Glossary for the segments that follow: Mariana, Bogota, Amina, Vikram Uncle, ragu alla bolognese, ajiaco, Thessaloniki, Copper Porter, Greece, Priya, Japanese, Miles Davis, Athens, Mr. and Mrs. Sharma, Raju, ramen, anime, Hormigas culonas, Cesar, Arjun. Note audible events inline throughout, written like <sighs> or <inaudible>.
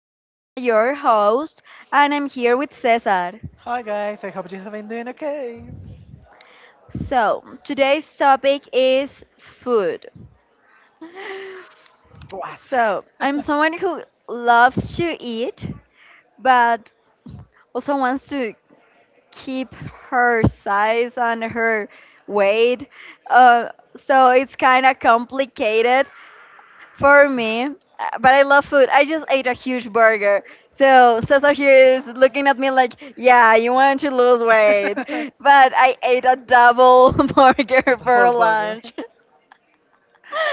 Mariana, your host, and I'm here with Cesar. Hi guys, I hope you have been doing okay. So, today's topic is food. What? So, I'm someone who loves to eat, but also wants to keep her size and her weight. Uh, so, it's kind of complicated for me, but I love food. I just ate a huge burger. So Cesar here is looking at me like, yeah, you <laughs> want to lose weight. But I ate a double <laughs> burger for Double burger. lunch.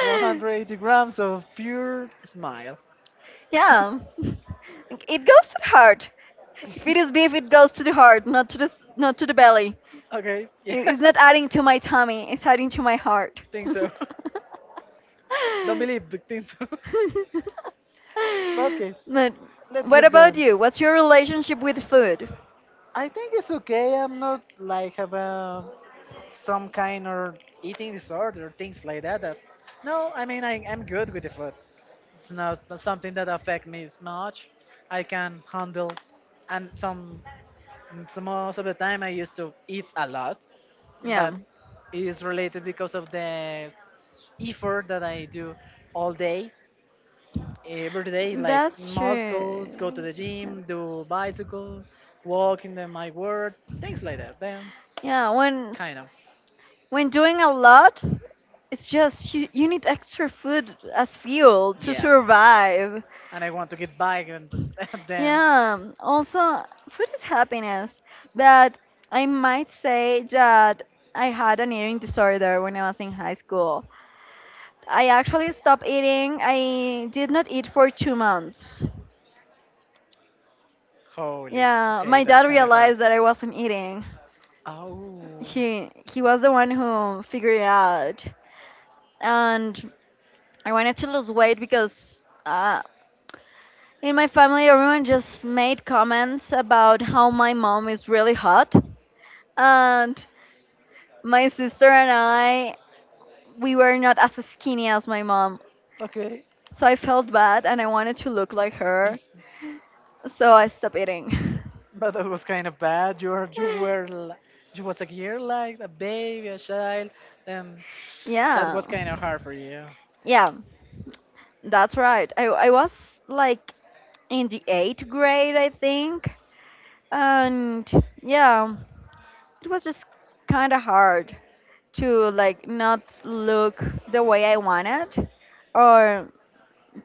180 <laughs> grams of pure smile. Yeah. It goes to the heart. If it is beef, it goes to the heart, not to the belly. Okay, yeah. It- <laughs> It's not adding to my tummy, it's adding to my heart. Think <laughs> <laughs> so. <laughs> Don't believe, but think so. <laughs> But okay, But let's what keep about going. you? What's your relationship with food? I think it's okay. I'm not like have a some kind of eating disorder or things like that. No, I mean I'm good with the food. It's not something that affect me as much. I can handle, and some most of the time I used to eat a lot, Yeah, but it is related because of the effort that I do all day, every day, like that's true. muscles, go to the Yeah. gym, do bicycle, walk in the, my work, things like that. Then Yeah, when kind of, When doing a lot, it's just you need extra food as fuel to yeah. survive. And I want to get back and <laughs> then, Yeah, also, food is happiness, but I might say that I had an eating disorder when I was in high school. I actually stopped eating. I did not eat for 2 months. holy, Yeah, okay, my that's dad kind of hard. realized that I wasn't eating. Oh. He was the one who figured it out. And I wanted to lose weight because in my family, everyone just made comments about how my mom is really hot. And my sister and I, we were not as skinny as my mom. Okay, So I felt bad and I wanted to look like her. So I stopped eating. but that was kind of bad. <laughs> You was a year like a baby, a child, and that Yeah. was kind of hard for you. <sighs> Yeah, that's right. I was like in the eighth grade, I think. And yeah, it was just kind of hard to like not look the way I wanted or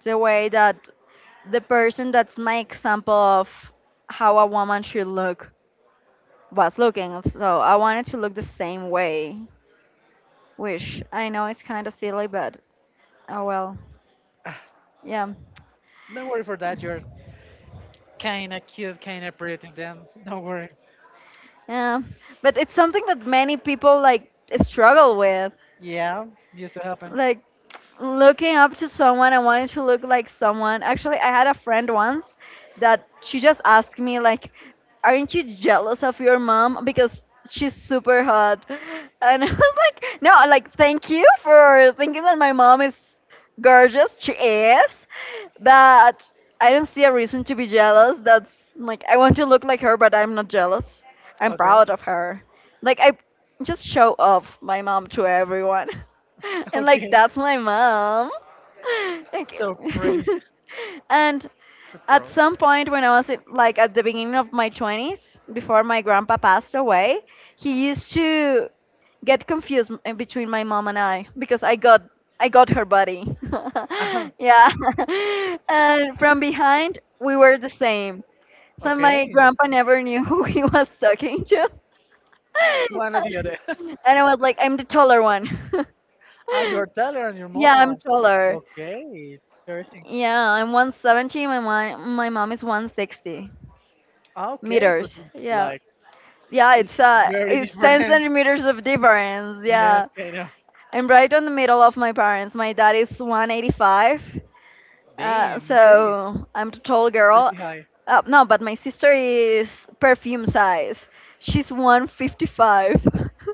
the way that the person that's my example of how a woman should look was looking. So I wanted to look the same way, which I know is kind of silly, but oh well. Ah, Yeah. Don't worry for that. You're kind of cute, kind of pretty. Then don't worry. Yeah. But it's something that many people like struggle with. Yeah, used to happen. Like looking up to someone and wanting to look like someone. Actually, I had a friend once that she just asked me like, "Aren't you jealous of your mom because she's super hot?" <laughs> And I was <laughs> like, "No, like thank you for thinking that my mom is gorgeous. She is, but I don't see a reason to be jealous. That's like I want to look like her, but I'm not jealous. I'm Okay, proud of her. Like I just show off my mom to everyone." <laughs> <laughs> <laughs> And like okay. that's my mom. <laughs> Like, So pretty, <laughs> and <laughs> so at pro. some point when I was in- like at the beginning of my 20s, before my grandpa passed away, he used to get between my mom and I because I got her body. uh <laughs> Yeah. <laughs> And from behind, we were the same. So my Okay, grandpa never knew <laughs> who he was talking to. one or the <laughs> other. <laughs> And I was like, I'm the taller one. Ah, you're <laughs> taller and your Yeah, I'm mom. taller. Okay, interesting. Yeah, I'm 170. My mom is 160 Okay, but meters. Yeah. like. Yeah, It's very it's 10 different. <laughs> centimeters of difference. Yeah, Yeah, kind of. I'm right on the middle of my parents. My dad is 185. Uh, Damn, okay. so I'm the tall girl. Pretty high. No, but my sister is perfume size. She's 155. <laughs>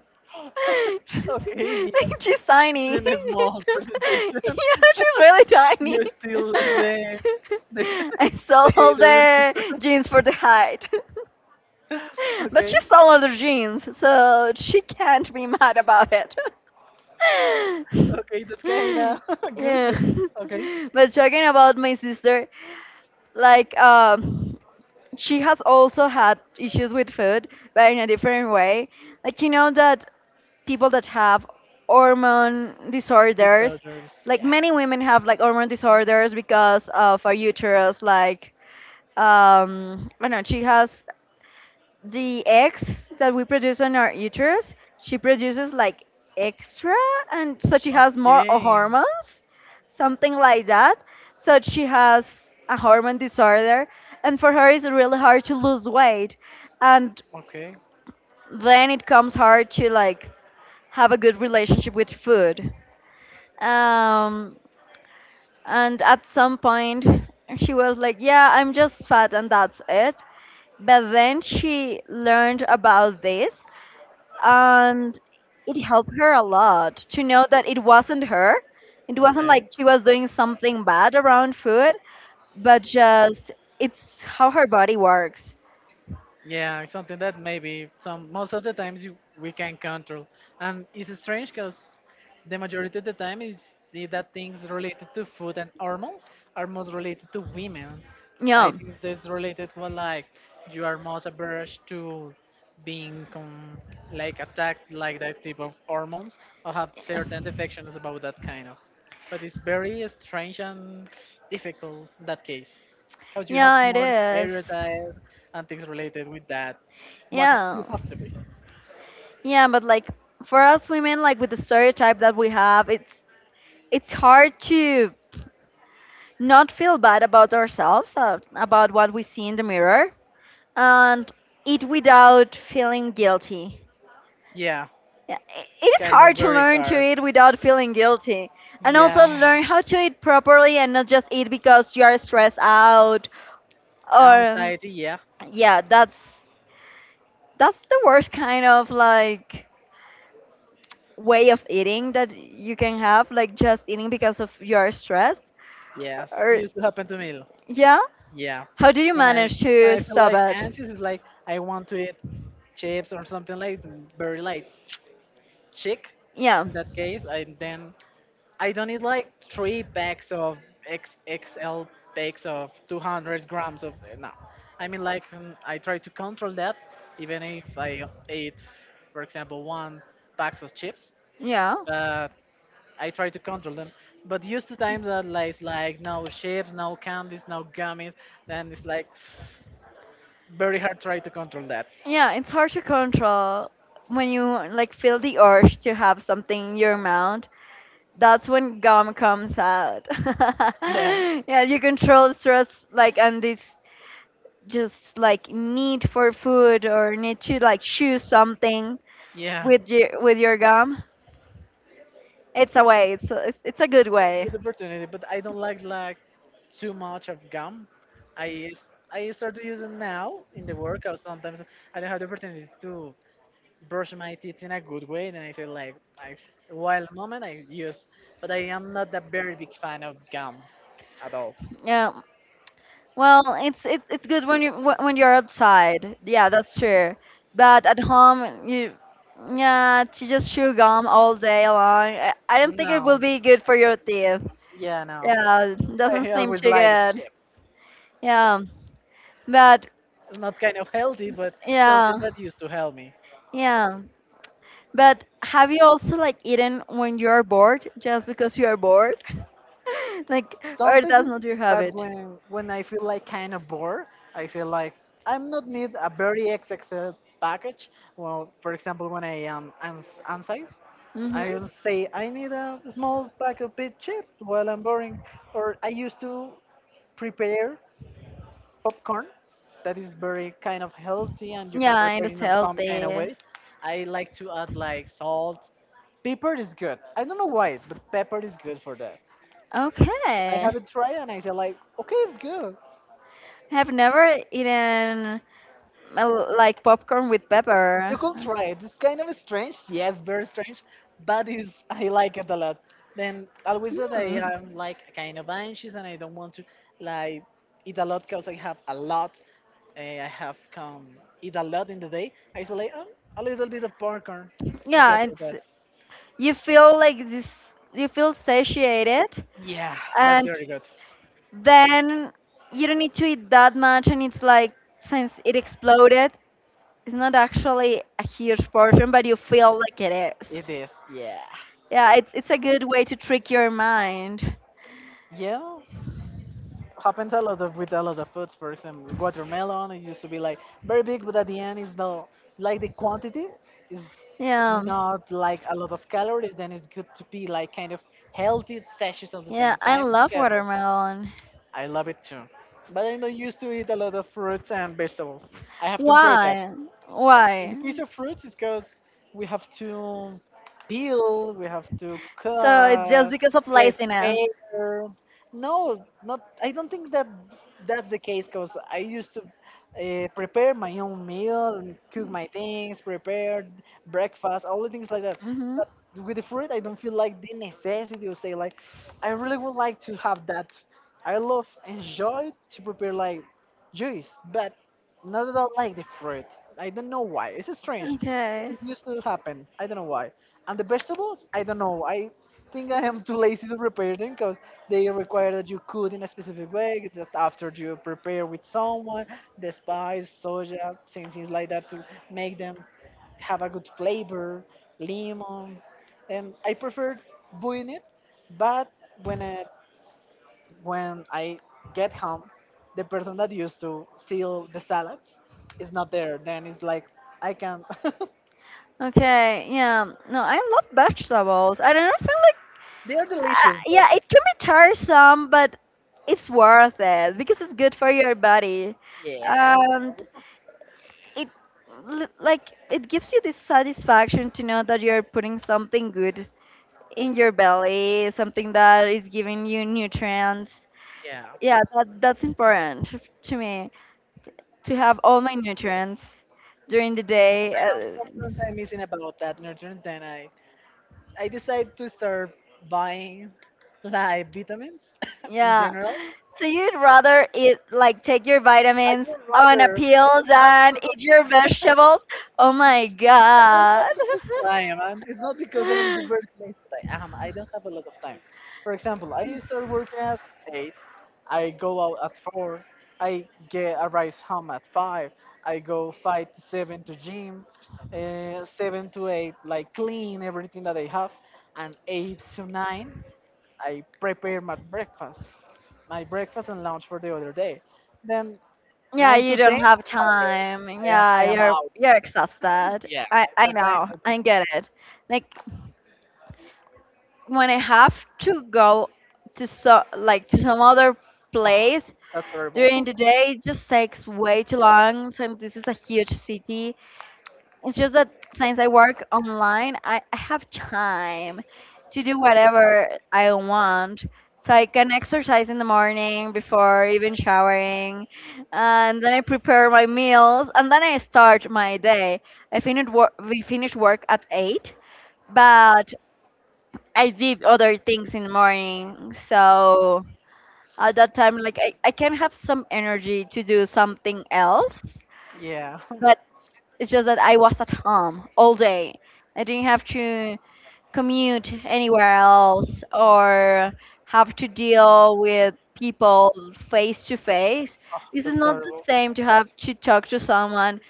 Okay, <laughs> yeah, She's it's tiny. in a small <laughs> presentation. <laughs> Yeah, she's really tiny. You're still <laughs> the, I <laughs> the sold all hater. <laughs> the jeans for the height. <laughs> But she Okay, stole other jeans, so she can't be mad about it. okay, that's <laughs> kind of <laughs> good. Yeah. That- Okay, <laughs> But talking about my sister, like she has also had issues with food, but in a different way. Like you know that people that have hormone disorders, disorders, like yeah. many women have like hormone disorders because of our uterus, like I don't know, she has the eggs that we produce on our uterus, she produces like extra, and so she has more Okay, hormones, something like that. So she has a hormone disorder, and for her it's really hard to lose weight, and okay, then it comes hard to like have a good relationship with food. Um, and at some point, she was like, "Yeah, I'm just fat, and that's it." But then she learned about this, and it helped her a lot to know that it wasn't her. It wasn't like okay. she was doing something bad around food, but just it's how her body works. Yeah, it's something that maybe some most of the times you we can control, and it's strange because the majority of the time is the, that things related to food and hormones are most related to women. I Yeah, think this related with like you are most averse to being com- like attacked like that type of hormones or have certain defections about that kind of. But it's very strange and difficult in that case because you have yeah, it more is. stereotypes and things related with that. What ha- Yeah. you have to be. Yeah, but like for us women, like with the stereotype that we have, it's hard to not feel bad about ourselves, about what we see in the mirror, and eat without feeling guilty. Yeah. Yeah, It's it is kind of hard to very learn to hard. eat without feeling guilty, and Yeah. also learn how to eat properly and not just eat because you are stressed out or Anxiety. Yeah. yeah, that's the worst kind of like way of eating that you can have, like just eating because of you are stressed Yes, it or used to happen to me. yeah. Yeah. How do you When I manage when to I feel stop like it? anxious, it's like I want to eat chips or something like very light, chick. Yeah. In that case, I don't need like three packs of XXL packs of 200 grams of no. I mean like I try to control that even if I eat for example one box of chips, Yeah. but I try to control them. But used to times that like no chips, no candies, no gummies, then it's like very hard try to control that. Yeah, it's hard to control when you like feel the urge to have something in your mouth. That's when gum comes out. <laughs> Yeah. Yeah, you control stress like and this just like need for food or need to like choose something Yeah. With your gum. It's a way. It's a good way. Good opportunity, but I don't like too much of gum. I I start to use it now in the workout. Sometimes I don't have the opportunity to brush my teeth in a good way, and I say like I while moment I use, but I am not a very big fan of gum at all. Yeah, well, it's good when you when you're outside. Yeah, that's true. But at home, you yeah, to just chew gum all day long. I don't think it will No, be good for your teeth. yeah, no. Yeah, doesn't I seem always too like good. chips. Yeah, but It's not kind of healthy, but something yeah, that used to help me. yeah. But have you also like eaten when you are bored, just because you are bored? <laughs> Like, or Sometimes, that's it's- not your but habit? when I feel like kind of bored, I feel like I'm not need a very XXL package. Well, for example, when I am ans- ansize, I Mm-hmm. will say I need a small pack of big chips while I'm boring. Or I used to prepare popcorn that is very kind of healthy and you can Yeah, it prepare it is in some kind of healthy. ways. I like to add like salt. Pepper is good. I don't know why, but pepper is good for that. I Okay. haven't tried, and I said like, okay, it's good. Have never eaten like popcorn with pepper. You could try it. It's kind of strange, yes, very strange, but it's I like it a lot. Then always that I Hmm. am like kind of anxious and I don't want to like eat a lot because I have a lot. I have come eat a lot in the day. I say like, a little bit of popcorn is Yeah, good for it's that. you feel like this you feel satiated Yeah, that's and very good. then you don't need to eat that much and it's like since it exploded it's not actually a huge portion but you feel like it is It is. Yeah. yeah it's a good way to trick your mind Yeah. Happens a lot of with a lot of foods. For example, watermelon it used to be like very big, but at the end is the like the quantity is yeah not like a lot of calories. Then it's good to be like kind of healthy sashes at the yeah same I time. It's love good. watermelon. I love it too, but I know used to eat a lot of fruits and vegetables. I have to improve why in the why case of fruits, it goes we have to peel, we have to so it's just cut, because of laziness. prepare. No, not. I don't think that that's the case because I used to prepare my own meal, and cook my things, prepare breakfast, all the things like that. Hmm. But with the fruit, I don't feel like the necessity to say like, I really would like to have that. I love enjoy to prepare like juice, but not that I don't like the fruit. I don't know why. It's strange. Okay. It used to happen. I don't know why. And the vegetables, I don't know. I think I am too lazy to prepare them because they require that you cook in a specific way. That after you prepare with someone, the spice, soja, things like that to make them have a good flavor, lemon. And I prefer doing it, but when uh, when I get home, the person that used to seal the salads is not there. Then it's like I can. <laughs> Okay, yeah. No, I love vegetables. I don't know, I feel like They are delicious, but yeah, it can be tiresome, but it's worth it because it's good for your body, yeah, and it like it gives you this satisfaction to know that you're putting something good in your belly, something that is giving you nutrients. yeah. Yeah, that's important to me to have all my nutrients during the day. I am sometimes missing about that nutrients. Then I decide to start buying like vitamins <laughs> in Yeah. general. So you'd rather eat like take your I vitamins do on a rather. I pill do have. than eat your vegetables? Oh my God. I am. And it's not because I'm the very but <laughs> I am. I don't have a lot of time. For example, I start working at 8. I go out at 4. I get arrives home at 5. I go 5 to 7 to gym. 7 to 8, like clean everything that I have. And 8 to 9, I prepare my breakfast. My breakfast and lunch for the other day. Then Yeah, 9 you to 10, don't have I'm tired. time. I am, Yeah, I am out. you're exhausted. Yeah. I At that time, know. I get it. Like when I have to go to so like to some other <sighs> oh, place that's terrible. during <laughs> the day, it just takes way too long since this is a huge city. It's just that since I work online, I have time to do whatever I want. So I can exercise in the morning before even showering, and then I prepare my meals, and then I start my day. I finished work. We finished work at 8, but I did other things in the morning. So at that time, like I can have some energy to do something else. Yeah, But it's just that I was at home all day. I didn't have to commute anywhere else or have to deal with people face to face. This is that's not the terrible. same to have to talk to someone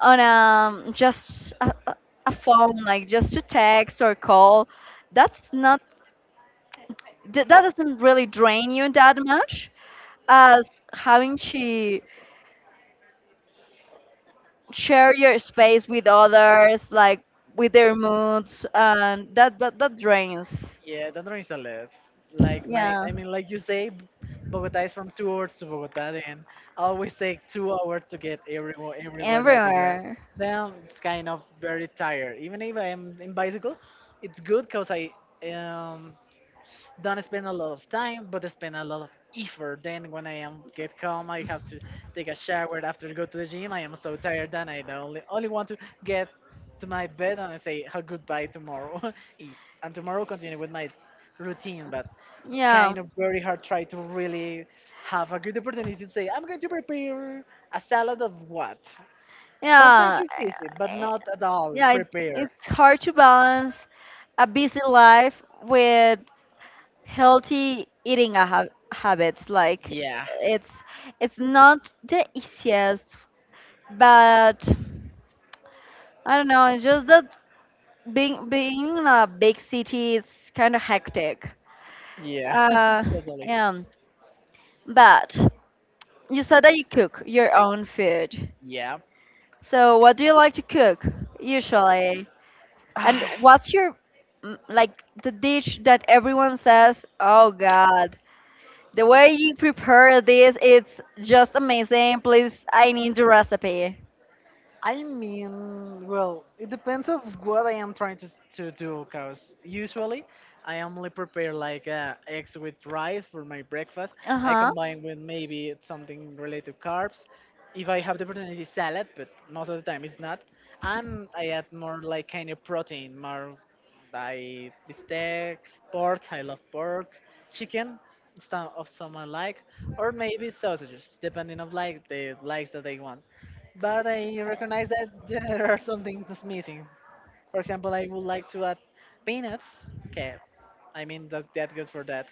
on just a phone, like just to text or call. That's not that doesn't really drain you that much as having to share your space with others, like with their moods, and that drains. Yeah, that one is a less. Like my, Yeah, I mean, like you say, B- Bogota is from 2 hours to Bogota, and always take 2 hours to get everywhere, everywhere that you get. everywhere. Then it's kind of very tired. Even if I'm in bicycle, it's good because I um don't spend a lot of time, but spend a lot of effort. Then when I am get home, I have to take a shower after go to the gym. I am so tired that I don't only want to get to my bed and I say a goodbye tomorrow, <laughs> E- and tomorrow continue with my routine. But it's Yeah, kind of very hard try to really have a good opportunity to say I'm going to prepare a salad of what. Sometimes yeah, it's easy, but eh, not at all yeah. Prepare. It's hard to balance a busy life with healthy habits. Like Yeah, it's it's not the easiest, but I don't know. It's just that being in a big city is kind of hectic. yeah, Uh, <laughs> totally. yeah. But you said that you cook your own food. Yeah. So what do you like to cook usually? And what's <sighs> your mm, like the dish that everyone says, "Oh God, the way you prepare this, it's just amazing. Please, I need the recipe." I mean, well, it depends of what I am trying to do, cause usually I only prepare like eggs with rice for my breakfast. Uh I huh. combine with maybe it's something related to carbs. If I have the opportunity, salad, but most of the time it's not. And I add more like kind of protein, more by bistec, pork. I love pork, chicken. Stuff of some I like, or maybe sausages, depending of like the likes that they want but I recognize that <laughs> there are some things missing. For example, I would like to add peanuts. Okay, I mean that's that good for that.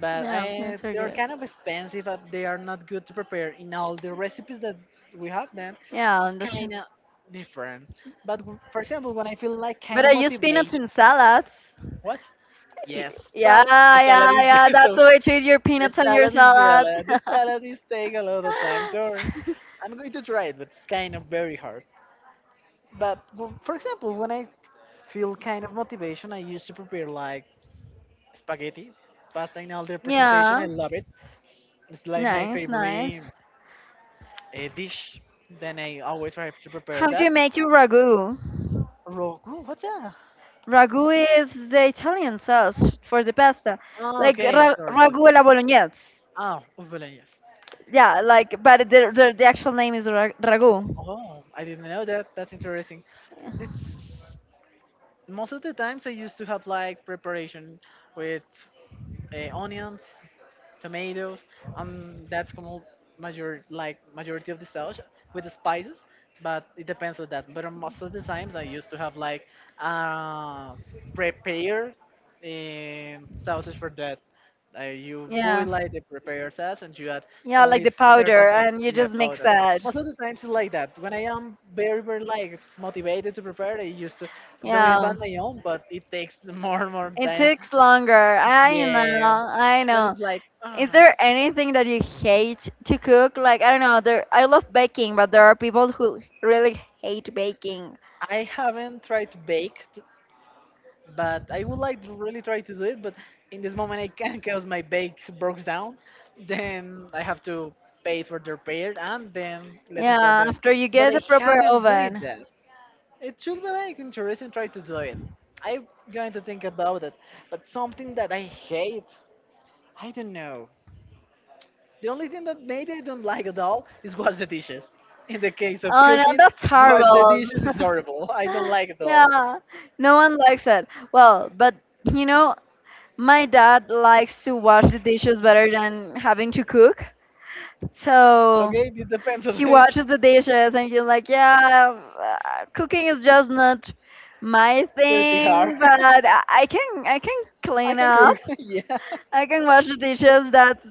But Yeah, I that's are they are good. kind of expensive and they are not good to prepare in all the recipes that we have then. Yeah, It's that's true. kind of different. But w- for example, when I feel like kind But of I use peanuts in motivation, salads. what? Y- Yes, Yeah, but the yeah, salad is yeah. <laughs> That's so the way to eat your the peanuts on your salad is salad. really the salad is take a lot of time. Sorry, <laughs> I'm going to try it, but it's kind of very hard. But w- for example, when I feel kind of motivation, I used to prepare like spaghetti, pasta in all their presentation. Yeah. I love it. It's like my Nice, favorite nice. Dish. Then I always try to prepare How do that. you make your ragu? Rogu, what's that? Ragu is the Italian sauce for the pasta, Oh, like okay, ra sorry. ragu alla bolognese. Ah, ubelen, yes. Yeah, like, but the actual name is ra ragu. Oh, I didn't know that. That's interesting. It's most of the times I used to have like preparation with onions, tomatoes, and that's como major like majority of the sauce with the spices. But it depends on that. But most of the times I used to have like uh, prepared sauces for that. You boil Yeah. like the prepared sauce and you add Yeah, like the only powder, certain and you yeah just mix powder. that. Most of the times it's like that. When I am very like motivated to prepare, I used to do it by Yeah. my own, but it takes <laughs> more It time. takes longer. I know, Yeah, I then know. it's like. Is Ah. there anything that you hate to cook? Like, I don't know, there I love baking, but there are people who really hate baking. I haven't tried to bake, but I would like to really try to do it. But in this moment, I can't <laughs> because my bake broke down. Then I have to pay for the repair, and then let's start Yeah, doing. after you But get I a proper haven't do it oven. yet. It should be like interesting try to do it. I'm going to think about it. But something that I hate, I don't know. The only thing that maybe I don't like at all is wash the dishes. In the case of Oh no, cooking, that's wash the horrible. dishes is horrible. I don't <laughs> like it at all. Yeah, no one likes it. Well, but you know, my dad likes to wash the dishes better than having to cook. So Okay, it depends on he it. washes the dishes and he's like, yeah, cooking is just not my <laughs> Pretty hard. thing, but I can I can <laughs> I clean can up. cook, <laughs> yeah, I can wash the dishes. That's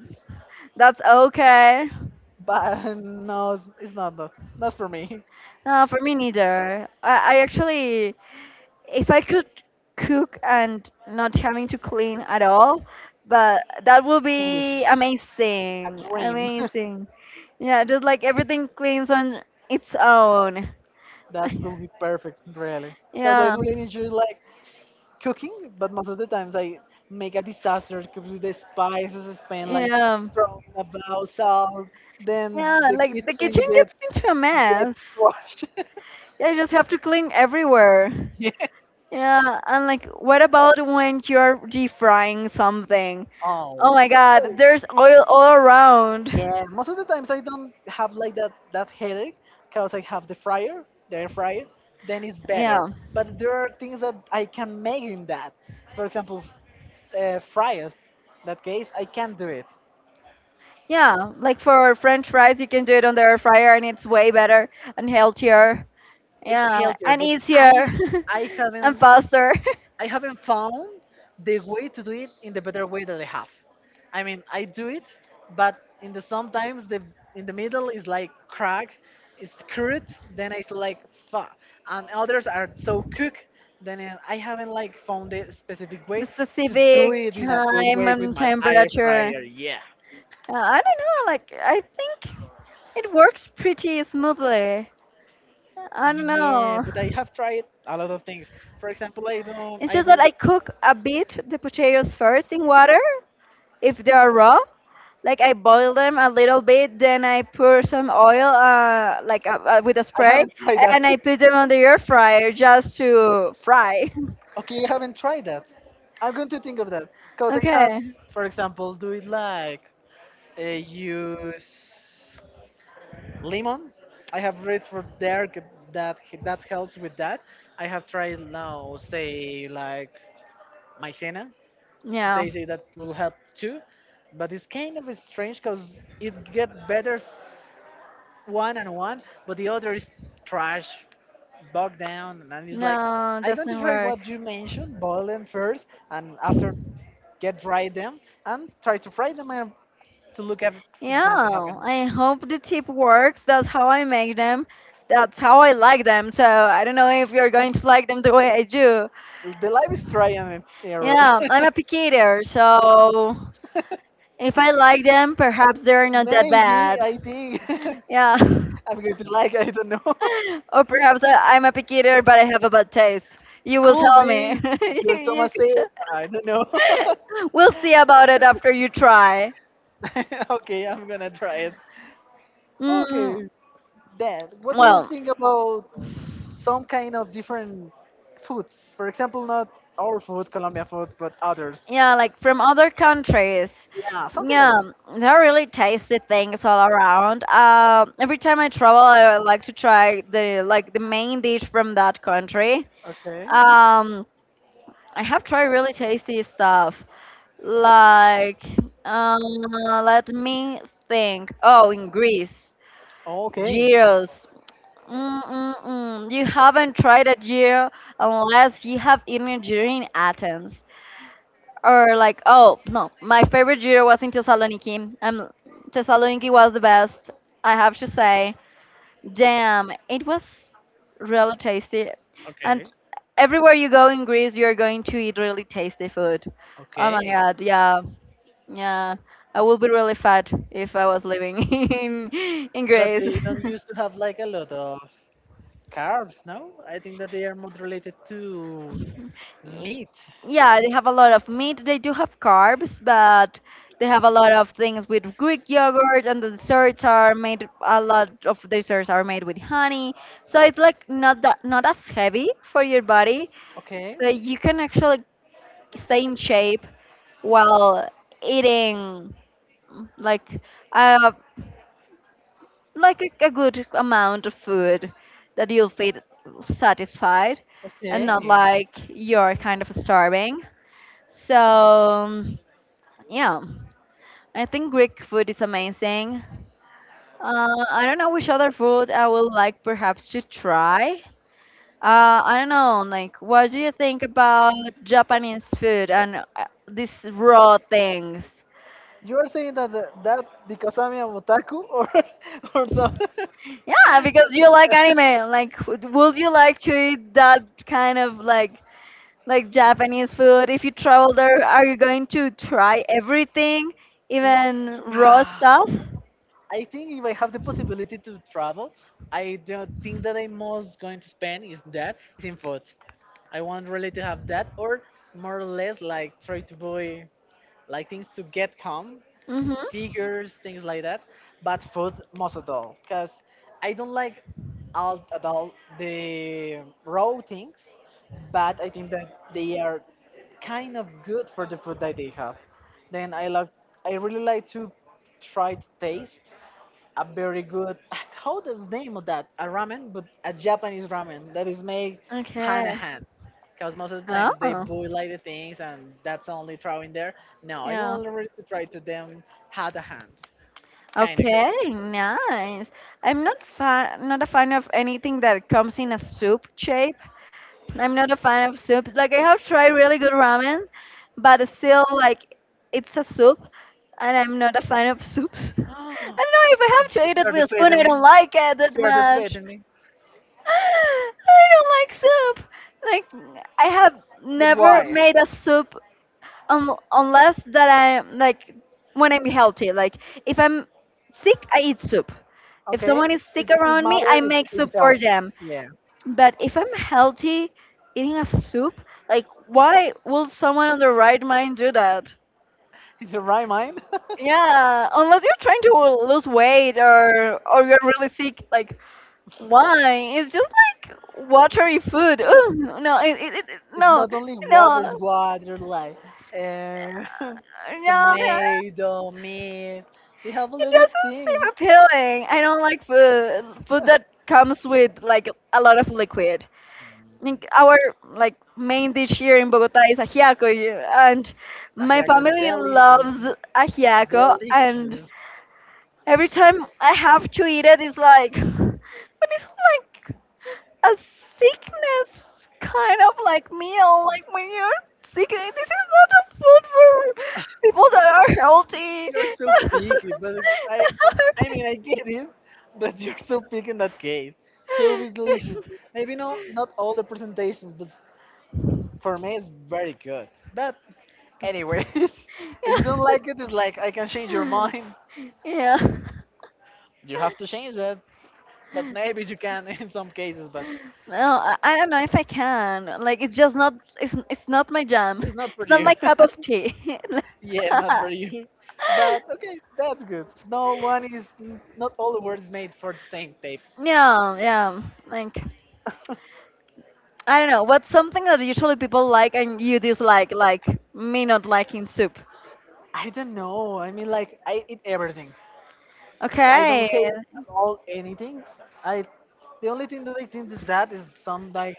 that's okay. but no, it's not that. That's for me. No, for me neither. I actually, if I could cook and not having to clean at all, but that would I wish, be a amazing, dream. <laughs> amazing. Yeah, just like everything cleans on its own. That <laughs> will be perfect, really. Because I Yeah. really enjoy like cooking, but most of the times I make a disaster because with the spices, I spend like Yeah. throwing about salt, then Yeah, the like the kitchen kitchen gets gets into a gets mess. <laughs> washed. Yeah, you just have to clean everywhere. <laughs> yeah. Yeah, and like, what about when you're deep-frying something? Oh Oh. my God, there's oil all around. Yeah, most of the times I don't have like that headache because I have the fryer, the air fryer. Then it's Yeah. better. But there are things that I can make in that. For example, fries. In that case, I can do it. Yeah, like for French fries, you can do it on the air fryer and it's way better and healthier. It's Yeah, healthier, and but easier I <laughs> and haven't faster. I haven't found the way to do it in the better way that I have. I mean, <laughs> I do it, but in the sometimes the in the middle is like crack, it's screwed. Then it's like fa, and others are so cooked. Then I haven't like found a specific The way to do specific it in a good time way with and my air temperature. fryer. Yeah, I don't know, like, I think it works pretty smoothly. I don't yeah, know. but I have tried a lot of things. For example, It's I just that don't, I cook a bit the potatoes first in water if they are raw, like I boil them a little bit, then I pour some oil, with a I spray, haven't tried that. and I put them on the air fryer just to fry. Okay, I haven't tried that. I'm going to think of that <laughs> because I have, Okay. for example, do it like use lemon. I have read for there that that helps with that. I have tried now, say like maizena. Yeah. They say that will help too, but it's kind of strange because it get better s- one and one, but the other is trash, bogged down, and it's like No, I'm going to doesn't try work. what you mentioned, boil them first, and after get dry them and try to fry them and to look if it's Yeah, going to happen. I hope the tip works. That's how I make them. That's how I like them. So I don't know if you're going to like them the way I do. The life is try and error. Yeah, I'm <laughs> a picky eater, so if I like them, perhaps they're not that Maybe bad. I think <laughs> Yeah. <laughs> I'm going to like. I don't know. <laughs> Or perhaps I'm a picky eater, but I have a bad taste. You will Could tell be me. <laughs> your You Thomas could say. tell- I don't know. <laughs> <laughs> We'll see about it after you try. <laughs> okay, I'm gonna try it. Mm, Okay, Dan, what do you well, think about some kind of different foods? For example, not our food, Colombian food, but others. yeah, like from other countries. Yeah, something like Yeah, that. there are really tasty things all around. Every time I travel, I like to try the like the main dish from that country. Okay. Um, I have tried really tasty stuff. Like, uh, let me think. Oh, in Greece, Okay. gyros. Mm-mm-mm. You haven't tried a gyro unless you have eaten a gyro in Athens. Or like, oh no, my favorite gyro was in Thessaloniki. Thessaloniki was the best, I have to say. Damn, it was really tasty. And Okay, everywhere you go in Greece, you're going to eat really tasty food. Oh my okay. God, yeah, yeah. I would be really fat if I was living <laughs> in But Greece. they don't used to have like a lot of carbs, no? I think that they are more related to <laughs> meat. Yeah, they have a lot of meat. They do have carbs, but they have a lot of things with Greek yogurt, and the desserts are made. A lot of desserts are made with honey, so it's like not as heavy for your body. Okay, So you can actually stay in shape while eating mm, like uh, a good amount of food that you'll feel satisfied and okay. not like you're kind of starving. So yeah, I think Greek food is amazing. I don't know which other food I would like perhaps to try. I don't know, like what do you think about Japanese food and these raw things? You are saying that that because I'm a otaku or <laughs> or something? Yeah, because you like anime. Like, would you like to eat that kind of like Japanese food? If you travel there, are you going to try everything, even raw Yeah. stuff? I think if I have the possibility to travel, I don't think that I most going to spend is that is in food. I want really to have that or more or less like try to buy like things to get calm, Mm-hmm. figures, things like that, but food most of all, because I don't like all at all the raw things, but I think that they are kind of good for the food that they have. Then I love, I really like to try to taste a very good how does name of that a ramen but a Japanese ramen that is made Okay. hand in hand because most of the times they Oh. boil like the things and that's only throwing there no I Yeah. will already to try to them hand in hand it's kind of good. Okay, nice. I'm not fan, not a fan of anything that comes in a soup shape. I'm not a fan of soups. Like I have tried really good ramen, but it's still like it's a soup, and I'm not a fan of soups. <laughs> I don't know if I have to <gasps> eat it you're with a spoon. defeating I me don't like it that you're much. defeating me <gasps> <laughs> I don't like soup. Like I have but never why made a soup unless that I'm like when I'm healthy. Like if I'm sick, I eat soup. If okay someone is sick it's around me, matter I make it soup for helps them. yeah. But if I'm healthy, eating a soup, like why will someone on the right mind do that? <laughs> In the right mind. <laughs> Yeah, unless you're trying to lose weight or you're really sick, like why? It's just like watery food. Ooh, no, It's no, not only water, no, it's water like uh, <laughs> no. tomato, meat. They have a It lot of doesn't things. seem appealing. I don't like food that comes with like a lot of liquid. Like our like main dish here in Bogota is ajiaco, y- and my Ajiaco is family delicious, loves ajiaco. And delicious. every time I have to eat it, it's like, <laughs> <sighs> but it's like a sickness kind of like meal. Like when you're sick, this is not a food for people that are healthy. You're so picky, but I, uh, I mean, I <laughs> get it, but you're so picky in that case. Soup is delicious. <laughs> Maybe no, not all the presentations, but for me, it's very good. But anyways, <laughs> if you don't like it, it's like I can change your mind. yeah. You have to change it. But maybe you can <laughs> in some cases, but Well, I don't know if I can. Like, it's just not. It's not my jam. it's not <laughs> for It's not you. my cup of tea. <laughs> Yes, <laughs> not for you. But okay, that's good. Not all the words made for the same tapes. Yeah, yeah. Like, I don't know. What's something that usually people like and you dislike? Like me not liking soup. I don't know. I mean, like, I eat everything. I Okay. don't hate at all anything. I The only thing that I think is that is some like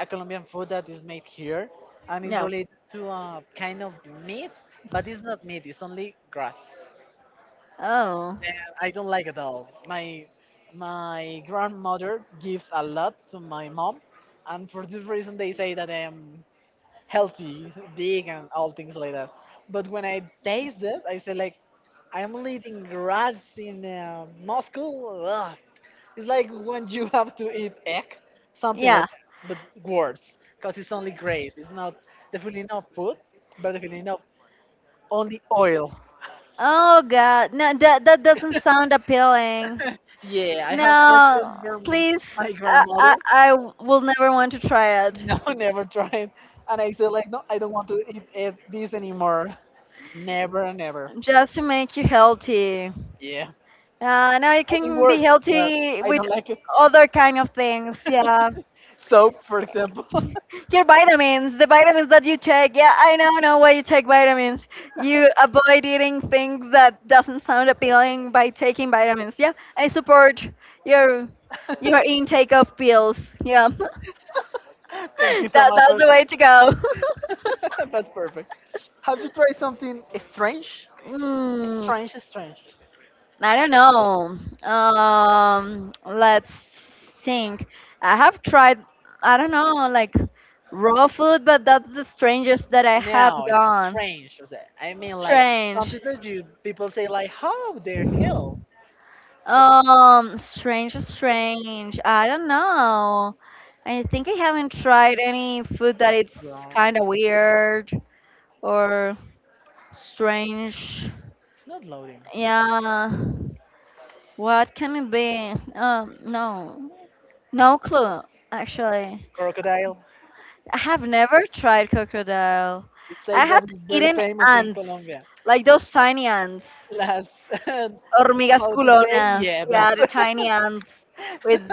a Colombian food that is made here and is Yeah. related to a kind of meat, but it's not meat. It's only grass. Oh. I don't like at all. My grandmother gives a lot to my mom, and for this reason they say that I am healthy, big, and all things like that. But when I taste it, I say like I'm only eating grass in Moscow. Ugh. It's like when you <laughs> have to eat egg, something like, Yeah. but worse, because it's only grass. It's not definitely not food, but definitely not only oil. Oh God, no, that doesn't sound appealing. Yeah, I have tasted No, from please, my I, grandmother. I I will never want to try it. No, <laughs> never tried. And I said like, no, I don't want to eat this anymore. Never, never. Just to make you healthy. Yeah, Now you I think can be works, but healthy I with don't like it. other kind of things. Yeah. Soap, for example. <laughs> Your vitamins, the vitamins that you check. Yeah, I now know why you check vitamins. You avoid eating things that doesn't sound appealing by taking vitamins. Yeah, I support your <laughs> your intake of pills. Yeah, <laughs> Thank you so much that's for the way to go. <laughs> that. <laughs> That's perfect. Have you tried something strange? Mm, Strange, strange. I don't know. Let's think. I have tried, I don't know, like raw food, but that's the strangest that I have No, gone. strange. Was it? I mean, like something Strange. that you people say like, how the hell? Strange. I don't know. I think I haven't tried any food that it's Yes. kind of weird or strange. It's not loading. Yeah. What can it be? No. No clue, actually. Crocodile. I have never tried crocodile. It's like I had that is very eaten famous in ants, Colombia. like those tiny ants. Las, <laughs> Hormigas how to say? culonas. Yeah, Yeah, that's. <laughs> the But tiny ants with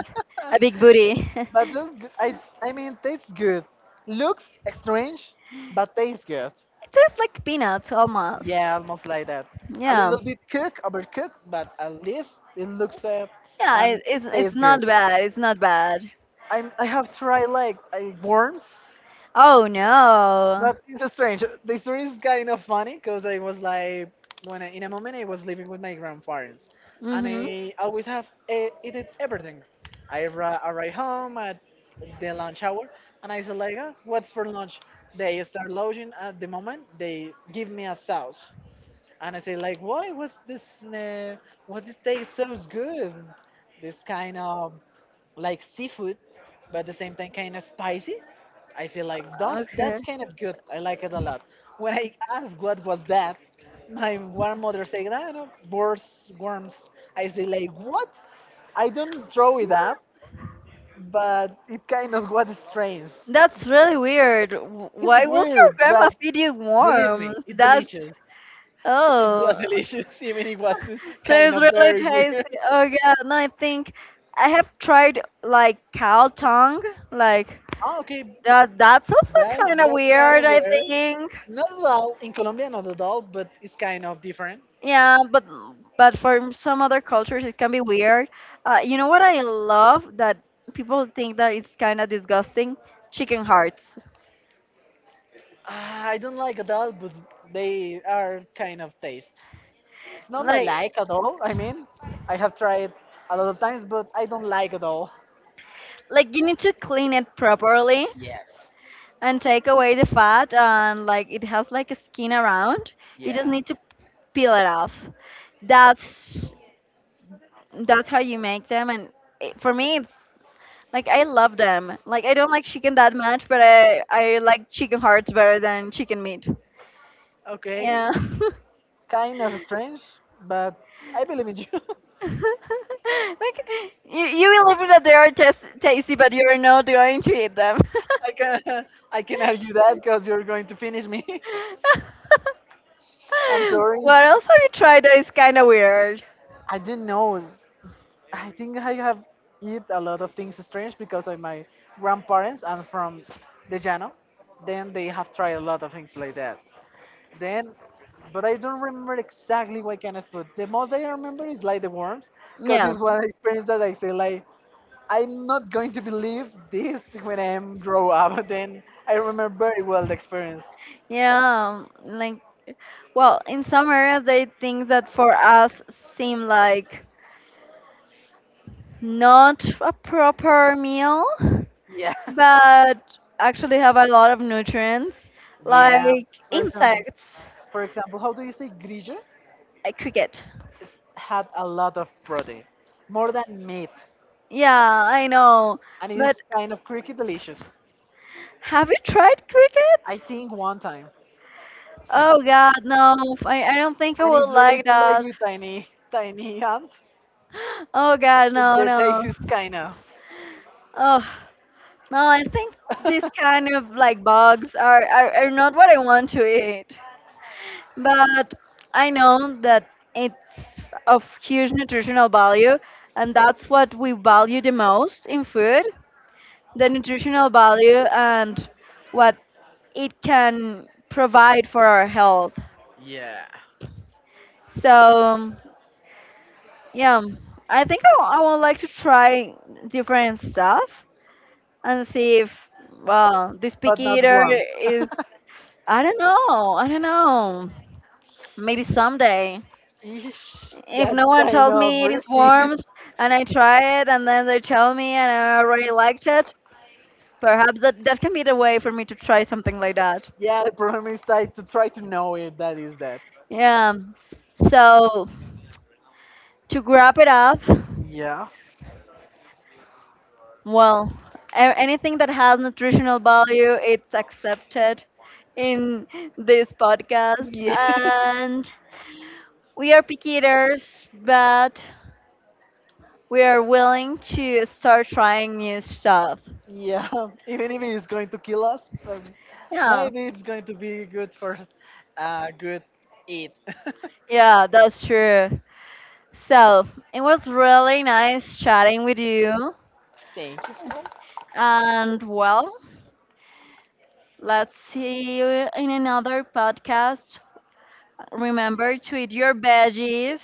a big booty. <laughs> that's It good. I mean, tastes good. Looks strange, but tastes good. tastes like peanuts almost. Yeah, almost like that. A Yeah. little bit cooked, overcooked, but at least it looks Yeah, and it's tastes good. not bad. It's not bad. I have tried like worms. Oh no. But it's strange. The story is kind of funny because I was like, when I, in a moment I was living with my grandparents, and Mm-hmm. I always have eaten everything. I arrive home at the lunch hour, and I said like, "Ah, what's for lunch?" They start loading at the moment. They give me a sauce, and I say like, "Why? What's this? What this taste so good? This kind of like seafood, but at the same time kind of spicy." I say like Okay. that's kind of good. I like it a lot. When I ask what was that, my grandmother say I know worms, worms. I say like what? I don't throw it up, but it kind of what is strange. That's really weird. W- It's Why would your weird, grandma but feed you believe me, worms? it's That's delicious. It oh. was delicious, <laughs> even it was So kind it's of really very weird. tasty. Oh yeah, <laughs> no, I think I have tried like cow tongue. Like Oh, okay, that's also That's kind of that's kind weird, of I weird. think. Not at all in Colombia, not at all, but it's kind of different. Yeah, but for some other cultures it can be weird. You know what I love that people think that it's kind of disgusting? Chicken hearts. Ah, I don't like adult, but they are kind of taste. It's not my Like like at all. I mean, I have tried a lot of times, but I don't like at all. like you need to clean it properly Yes. and take away the fat and like it has like a skin around. You just Yes. need to peel it off. That's that's how you make them and it, for me it's like I love them. Like I don't like chicken that much, but I like chicken hearts better than chicken meat. Okay, Yeah. <laughs> kind of strange, but I believe in you. <laughs> Like you will believe that they are just tasty, but you're not going to eat them. I can I can argue <laughs> that because you're going to finish me. <laughs> <laughs> I'm sorry. What else have you tried that is kind of weird? I didn't know. I think I have eat a lot of things strange because of my grandparents and from the Llano. Then they have tried a lot of things like that. Then, but I don't remember exactly what kind of food. The most I remember is like the worms, because Yeah, it's one experience that I say like I'm not going to believe this when I am grow up. <laughs> Then I remember very well the experience. yeah. Like, well, in some areas they think that for us seem like not a proper meal, Yeah, <laughs> but actually have a lot of nutrients, yeah. like For example, insects, for example, how do you say grillo? like cricket. It had a lot of protein, more than meat. Yeah, I know. And it's But kind of creaky delicious. have you tried I crickets? think one time, Oh God, no. I don't think I and would it's like related like that. with tiny tiny ant. Oh God, no, The no. taste is kind of Oh no, I think these <laughs> kind of like bugs are not what I want to eat. But I know that it's of huge nutritional value and that's what we value the most in food, the nutritional value and what it can provide for our health. Yeah. So yeah, I think I would like to try different stuff and see if well this picky But not eater worms. is. I don't know, maybe someday, Eesh, if that's no one kind tells of me it is risky. <laughs> worms and I try it and then they tell me and I already liked it, perhaps that can be the way for me to try something like that. Yeah, the problem is I to try to know it. That is that. Yeah, so to wrap it up, Yeah. well, a- anything that has nutritional value it's accepted in this podcast Yeah. <laughs> and. We are picky eaters, but we are willing to start trying new stuff. Yeah, <laughs> even if it's going to kill us, Yeah, maybe it's going to be good for good eat. <laughs> yeah, that's true. So it was really nice chatting with you. Thank you. All. And well, let's see you in another podcast. Remember to eat your veggies,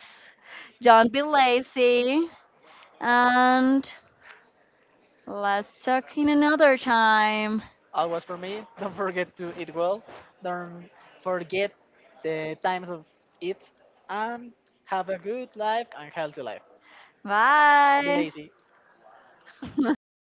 don't be lazy, and let's talk in another time. All was for me. Don't forget to eat well. Don't forget the times of eat. And have a good life and healthy life. Be Bye. lazy. <laughs>